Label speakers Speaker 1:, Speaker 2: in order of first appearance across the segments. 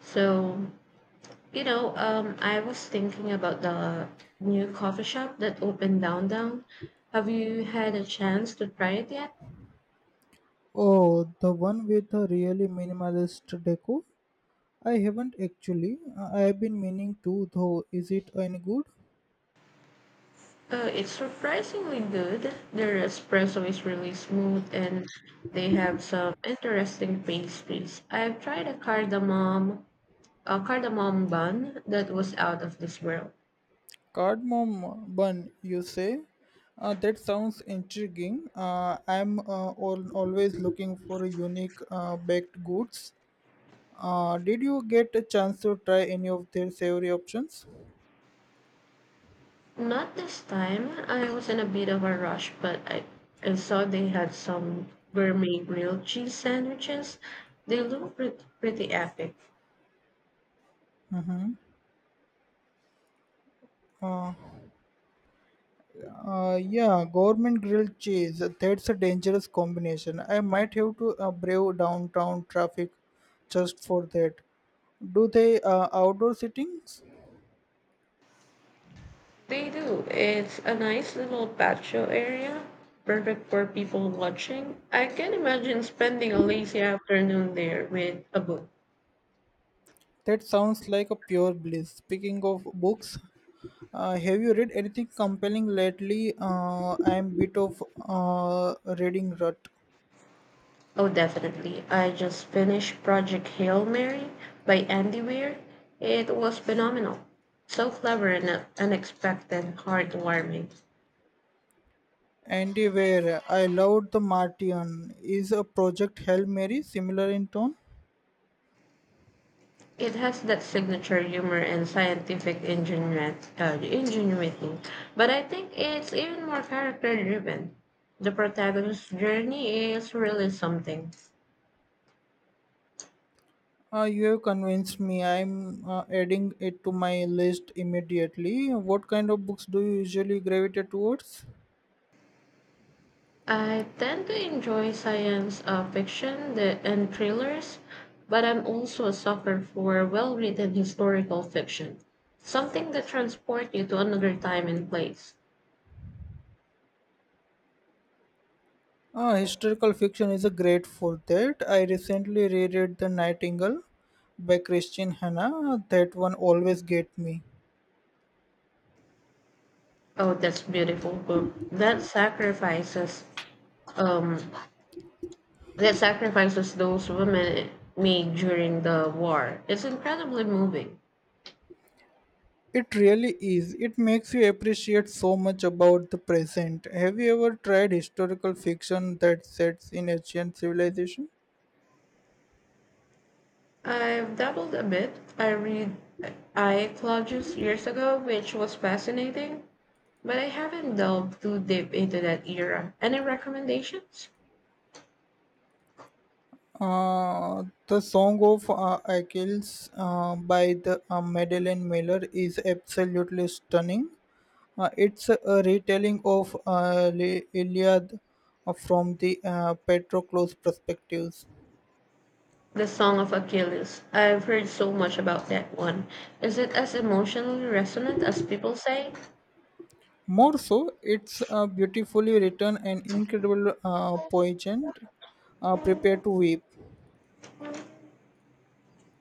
Speaker 1: So, I was thinking about the new coffee shop that opened downtown. Have you had a chance to try it yet?
Speaker 2: Oh, the one with a really minimalist deco? I haven't actually. I've been meaning to though. Is it any good?
Speaker 1: It's surprisingly good. Their espresso is really smooth and they have some interesting pastries. I've tried a cardamom bun that was out of this world.
Speaker 2: Cardamom bun, you say? That sounds intriguing. I'm always looking for unique baked goods. Did you get a chance to try any of their savory options?
Speaker 1: Not this time. I was in a bit of a rush, but I saw they had some gourmet grilled cheese sandwiches. They look pretty epic.
Speaker 2: Mm-hmm. Uh, yeah, government grilled cheese. That's a dangerous combination. I might have to brave downtown traffic just for that. Do they outdoor sittings?
Speaker 1: They do. It's a nice little patio area, perfect for people watching. I can imagine spending a lazy afternoon there with a book.
Speaker 2: That sounds like a pure bliss. Speaking of books, have you read anything compelling lately? I'm bit of reading rut.
Speaker 1: Oh, definitely. I just finished Project Hail Mary by Andy Weir. It was phenomenal. So clever and unexpected, heartwarming.
Speaker 2: Andy Weir, I loved The Martian. Is a Project Hail Mary similar in tone?
Speaker 1: It has that signature humor and scientific ingenuity. But I think it's even more character driven. The protagonist's journey is really something.
Speaker 2: You have convinced me. I'm adding it to my list immediately. What kind of books do you usually gravitate towards?
Speaker 1: I tend to enjoy science fiction and thrillers, but I'm also a sucker for well written historical fiction. Something that transports you to another time and place.
Speaker 2: Historical fiction is a great for that. I recently reread The Nightingale by Christian Hanna. That one always get me.
Speaker 1: Oh, that's beautiful book. Um, That sacrifices those women made during the war. It's incredibly moving.
Speaker 2: It really is. It makes you appreciate so much about the present. Have you ever tried historical fiction that sets in ancient civilization?
Speaker 1: I've dabbled a bit. I read I Claudius years ago, which was fascinating, but I haven't delved too deep into that era. Any recommendations?
Speaker 2: The Song of Achilles by the Madeline Miller is absolutely stunning. It's a retelling of the Iliad from the Patroclus perspectives.
Speaker 1: The Song of Achilles. I've heard so much about that one. Is it as emotionally resonant as people say?
Speaker 2: More so, it's beautifully written and incredible poignant, prepared to weep.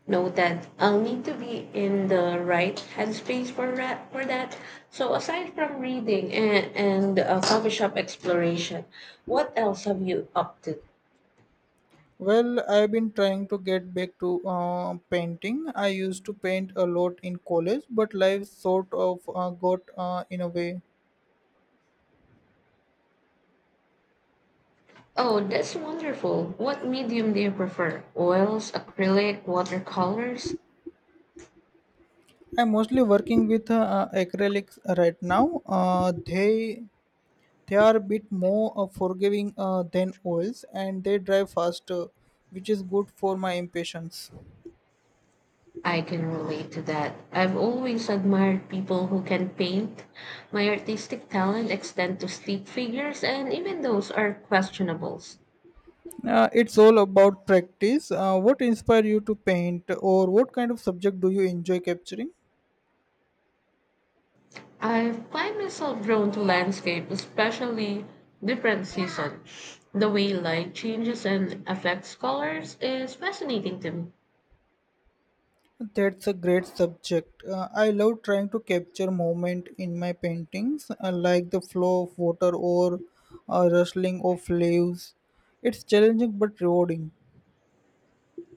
Speaker 1: Know that I'll need to be in the right headspace For that. So aside from reading and coffee shop exploration, what else have you up to?
Speaker 2: Well, I've been trying to get back to painting. I used to paint a lot in college, but life sort of got in a way.
Speaker 1: Oh, that's wonderful. What medium do you prefer? Oils, acrylic, watercolors?
Speaker 2: I'm mostly working with acrylics right now. They are a bit more forgiving than oils, and they dry faster, which is good for my impatience.
Speaker 1: I can relate to that. I've always admired people who can paint. My artistic talent extends to stick figures and even those are questionables.
Speaker 2: It's all about practice. What inspired you to paint, or what kind of subject do you enjoy capturing?
Speaker 1: I find myself drawn to landscape, especially different season. The way light changes and affects colors is fascinating to me.
Speaker 2: That's a great subject. I love trying to capture moment in my paintings, like the flow of water or rustling of leaves. It's challenging but rewarding.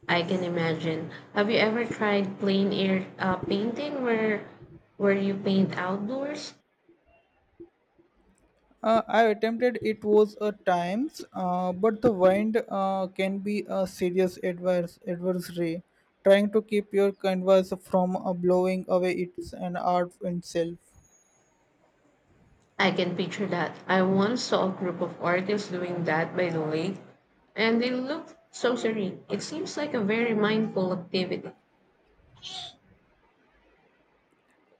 Speaker 1: I can imagine. Have you ever tried plain air painting where you paint outdoors?
Speaker 2: I attempted it was a times, but the wind can be a serious adverse adversary. Trying to keep your canvas from blowing away its an art itself.
Speaker 1: I can picture that. I once saw a group of artists doing that by the lake, and they looked so serene. It seems like a very mindful activity.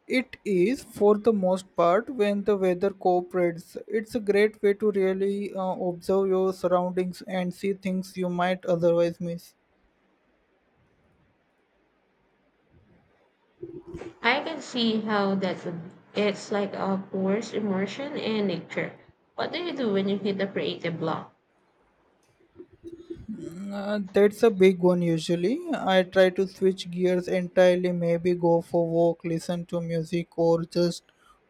Speaker 2: It is for the most part when the weather cooperates. It's a great way to really observe your surroundings and see things you might otherwise miss.
Speaker 1: I can see how that would be. It's like a forced immersion in nature. What do you do when you hit a creative block?
Speaker 2: That's a big one usually. I try to switch gears entirely, maybe go for walk, listen to music or just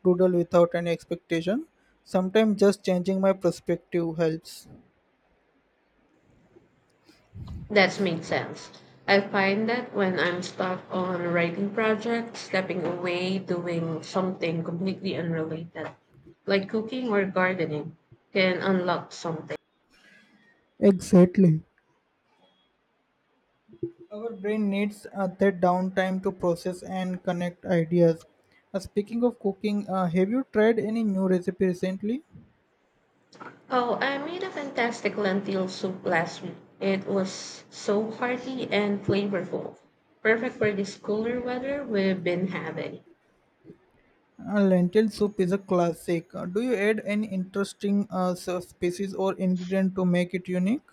Speaker 2: doodle without any expectation. Sometimes just changing my perspective helps.
Speaker 1: That's made sense. I find that when I'm stuck on a writing project, stepping away, doing something completely unrelated, like cooking or gardening, can unlock something.
Speaker 2: Exactly. Our brain needs that downtime to process and connect ideas. Speaking of cooking, have you tried any new recipe recently?
Speaker 1: Oh, I made a fantastic lentil soup last week. It was so hearty and flavorful, perfect for this cooler weather we've been having.
Speaker 2: Lentil soup is a classic. Do you add any interesting species or ingredient to make it unique?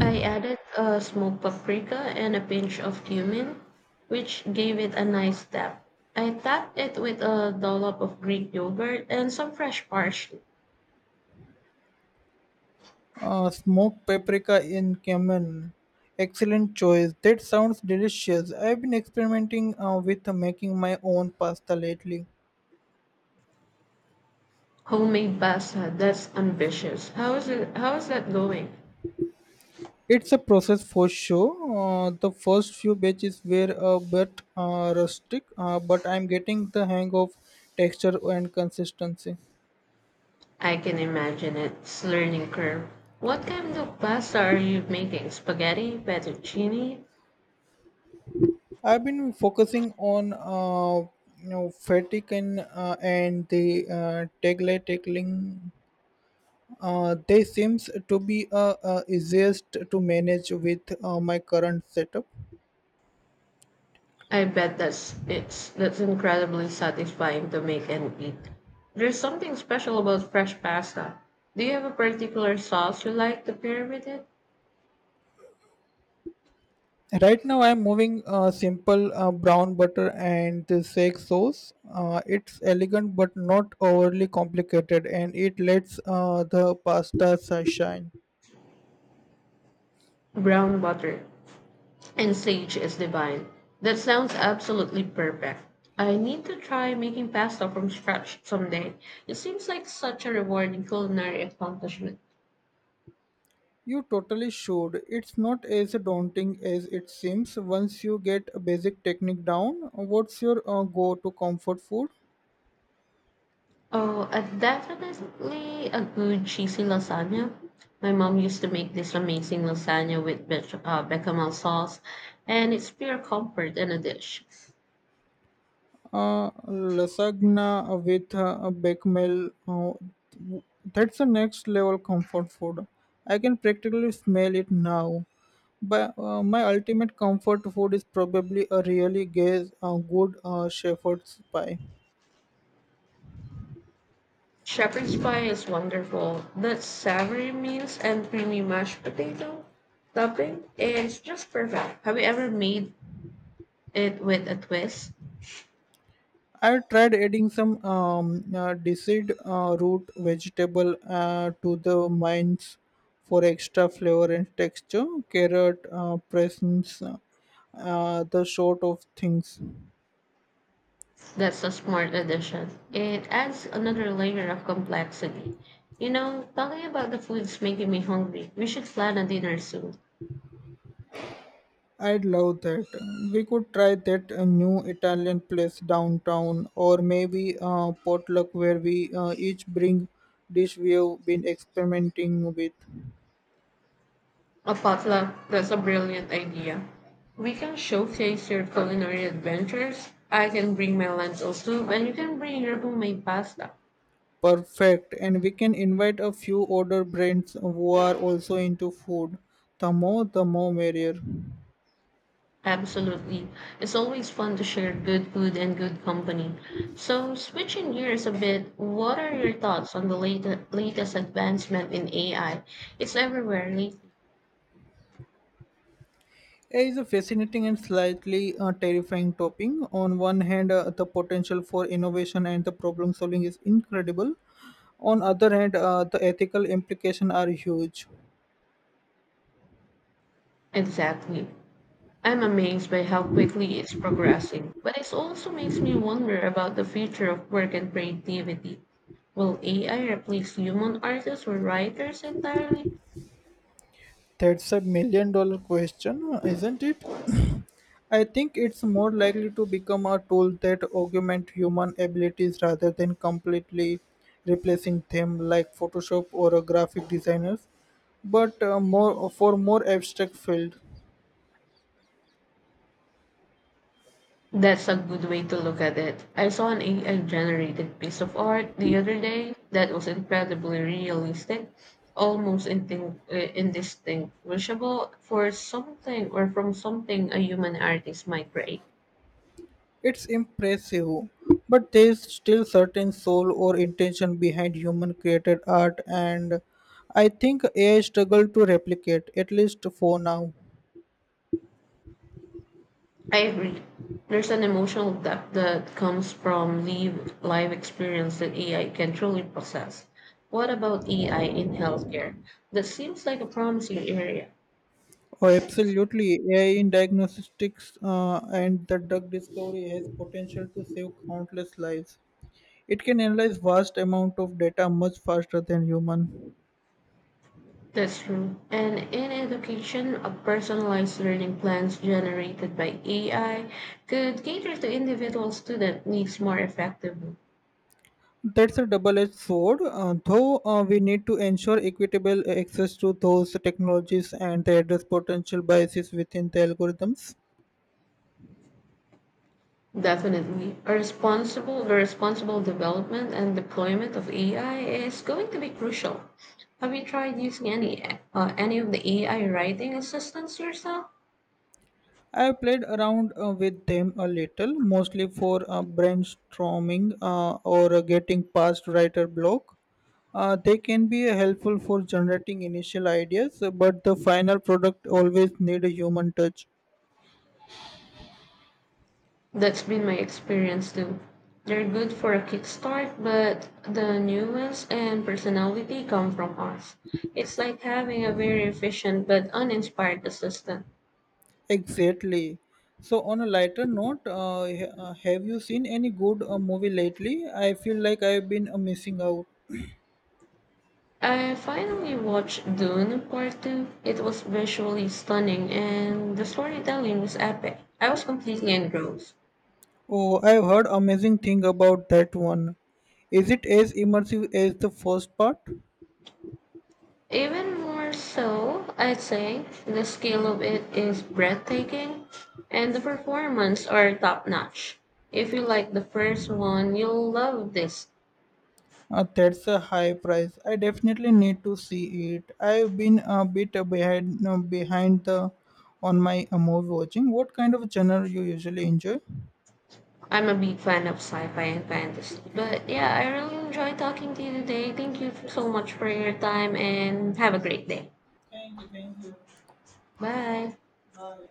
Speaker 1: I added smoked paprika and a pinch of cumin, which gave it a nice depth. I topped it with a dollop of Greek yogurt and some fresh parsley.
Speaker 2: Smoked paprika in cumin. Excellent choice. That sounds delicious. I've been experimenting with making my own pasta lately.
Speaker 1: Homemade pasta, that's ambitious. How is it? How is that going?
Speaker 2: It's a process for sure. The first few batches were a bit rustic, but I'm getting the hang of texture and consistency.
Speaker 1: I can imagine it's learning curve. What kind of pasta are you making? Spaghetti, fettuccine?
Speaker 2: I've been focusing on you know fatigue and and the taglay tackling. They seems to be easiest to manage with my current setup.
Speaker 1: I bet that's incredibly satisfying to make and eat. There's something special about fresh pasta. Do you have a particular sauce you like to pair with it?
Speaker 2: Right now, I'm moving simple brown butter and the sake sauce. It's elegant but not overly complicated, and it lets the pasta shine.
Speaker 1: Brown butter and sage is divine. That sounds absolutely perfect. I need to try making pasta from scratch someday. It seems like such a rewarding culinary accomplishment.
Speaker 2: You totally should. It's not as daunting as it seems once you get a basic technique down. What's your go-to comfort food?
Speaker 1: Oh, Definitely a good cheesy lasagna. My mom used to make this amazing lasagna with bechamel sauce, and it's pure comfort in a dish.
Speaker 2: Uh, lasagna with a bechamel. That's the next level comfort food. I can practically smell it now. But my ultimate comfort food is probably a really good shepherd's pie.
Speaker 1: Shepherd's pie is wonderful. That's savory meats and creamy mashed potato topping is just perfect. Have you ever made it with a twist?
Speaker 2: I tried adding some deiced root vegetable to the mines for extra flavor and texture. Carrot, presence, the sort of things.
Speaker 1: That's a smart addition. It adds another layer of complexity. You know, talking about the food's making me hungry. We should plan a dinner soon.
Speaker 2: I'd love that. We could try that new Italian place downtown, or maybe potluck where we each bring dish we've been experimenting with.
Speaker 1: A potluck, that's a brilliant idea. We can showcase your culinary adventures. I can bring my lentil soup and you can bring your homemade pasta.
Speaker 2: Perfect, and we can invite a few older brands who are also into food. The more merrier.
Speaker 1: Absolutely. It's always fun to share good food and good company. So, switching gears a bit, what are your thoughts on the latest advancement in AI? It's everywhere lately.
Speaker 2: AI is a fascinating and slightly terrifying topic. On one hand, the potential for innovation and the problem solving is incredible. On other hand, the ethical implications are huge.
Speaker 1: Exactly. I'm amazed by how quickly it's progressing, but it also makes me wonder about the future of work and creativity. Will AI replace human artists or writers entirely?
Speaker 2: That's a million-dollar question, huh, isn't it? I think it's more likely to become a tool that augment human abilities rather than completely replacing them like Photoshop or a graphic designers, but more for more abstract field.
Speaker 1: That's a good way to look at it. I saw an AI generated piece of art the other day that was incredibly realistic, almost indistinguishable for something or from something a human artist might create.
Speaker 2: It's impressive, but there's still certain soul or intention behind human created art and I think AI struggle to replicate at least for now.
Speaker 1: I agree. There's an emotional depth that comes from live experience that AI can truly process. What about AI in healthcare? That seems like a promising area.
Speaker 2: Oh, absolutely. AI in diagnostics and the drug discovery has potential to save countless lives. It can analyze vast amount of data much faster than human.
Speaker 1: That's true. And in education, a personalized learning plans generated by AI could cater to individual student needs more effectively.
Speaker 2: That's a double-edged sword, though we need to ensure equitable access to those technologies and they address potential biases within the algorithms.
Speaker 1: Definitely. The responsible development and deployment of AI is going to be crucial. Have you tried using any of the AI writing assistants yourself?
Speaker 2: I played around with them a little, mostly for brainstorming or getting past writer block. They can be helpful for generating initial ideas, but the final product always need a human touch.
Speaker 1: That's been my experience too. They're good for a kickstart, but the nuance and personality come from us. It's like having a very efficient but uninspired assistant.
Speaker 2: Exactly. So on a lighter note, have you seen any good movie lately? I feel like I've been missing out.
Speaker 1: I finally watched Dune Part 2. It was visually stunning and the storytelling was epic. I was completely engrossed.
Speaker 2: Oh, I've heard amazing thing about that one. Is it as immersive as the first part?
Speaker 1: Even more so, I'd say, the scale of it is breathtaking and the performance are top notch. If you like the first one, you'll love this.
Speaker 2: That's a high price. I definitely need to see it. I've been a bit behind the on my movie watching. What kind of genre you usually enjoy?
Speaker 1: I'm a big fan of sci-fi and fantasy. But yeah, I really enjoyed talking to you today. Thank you so much for your time and have a great day.
Speaker 2: Thank you, thank you.
Speaker 1: Bye.
Speaker 2: Bye.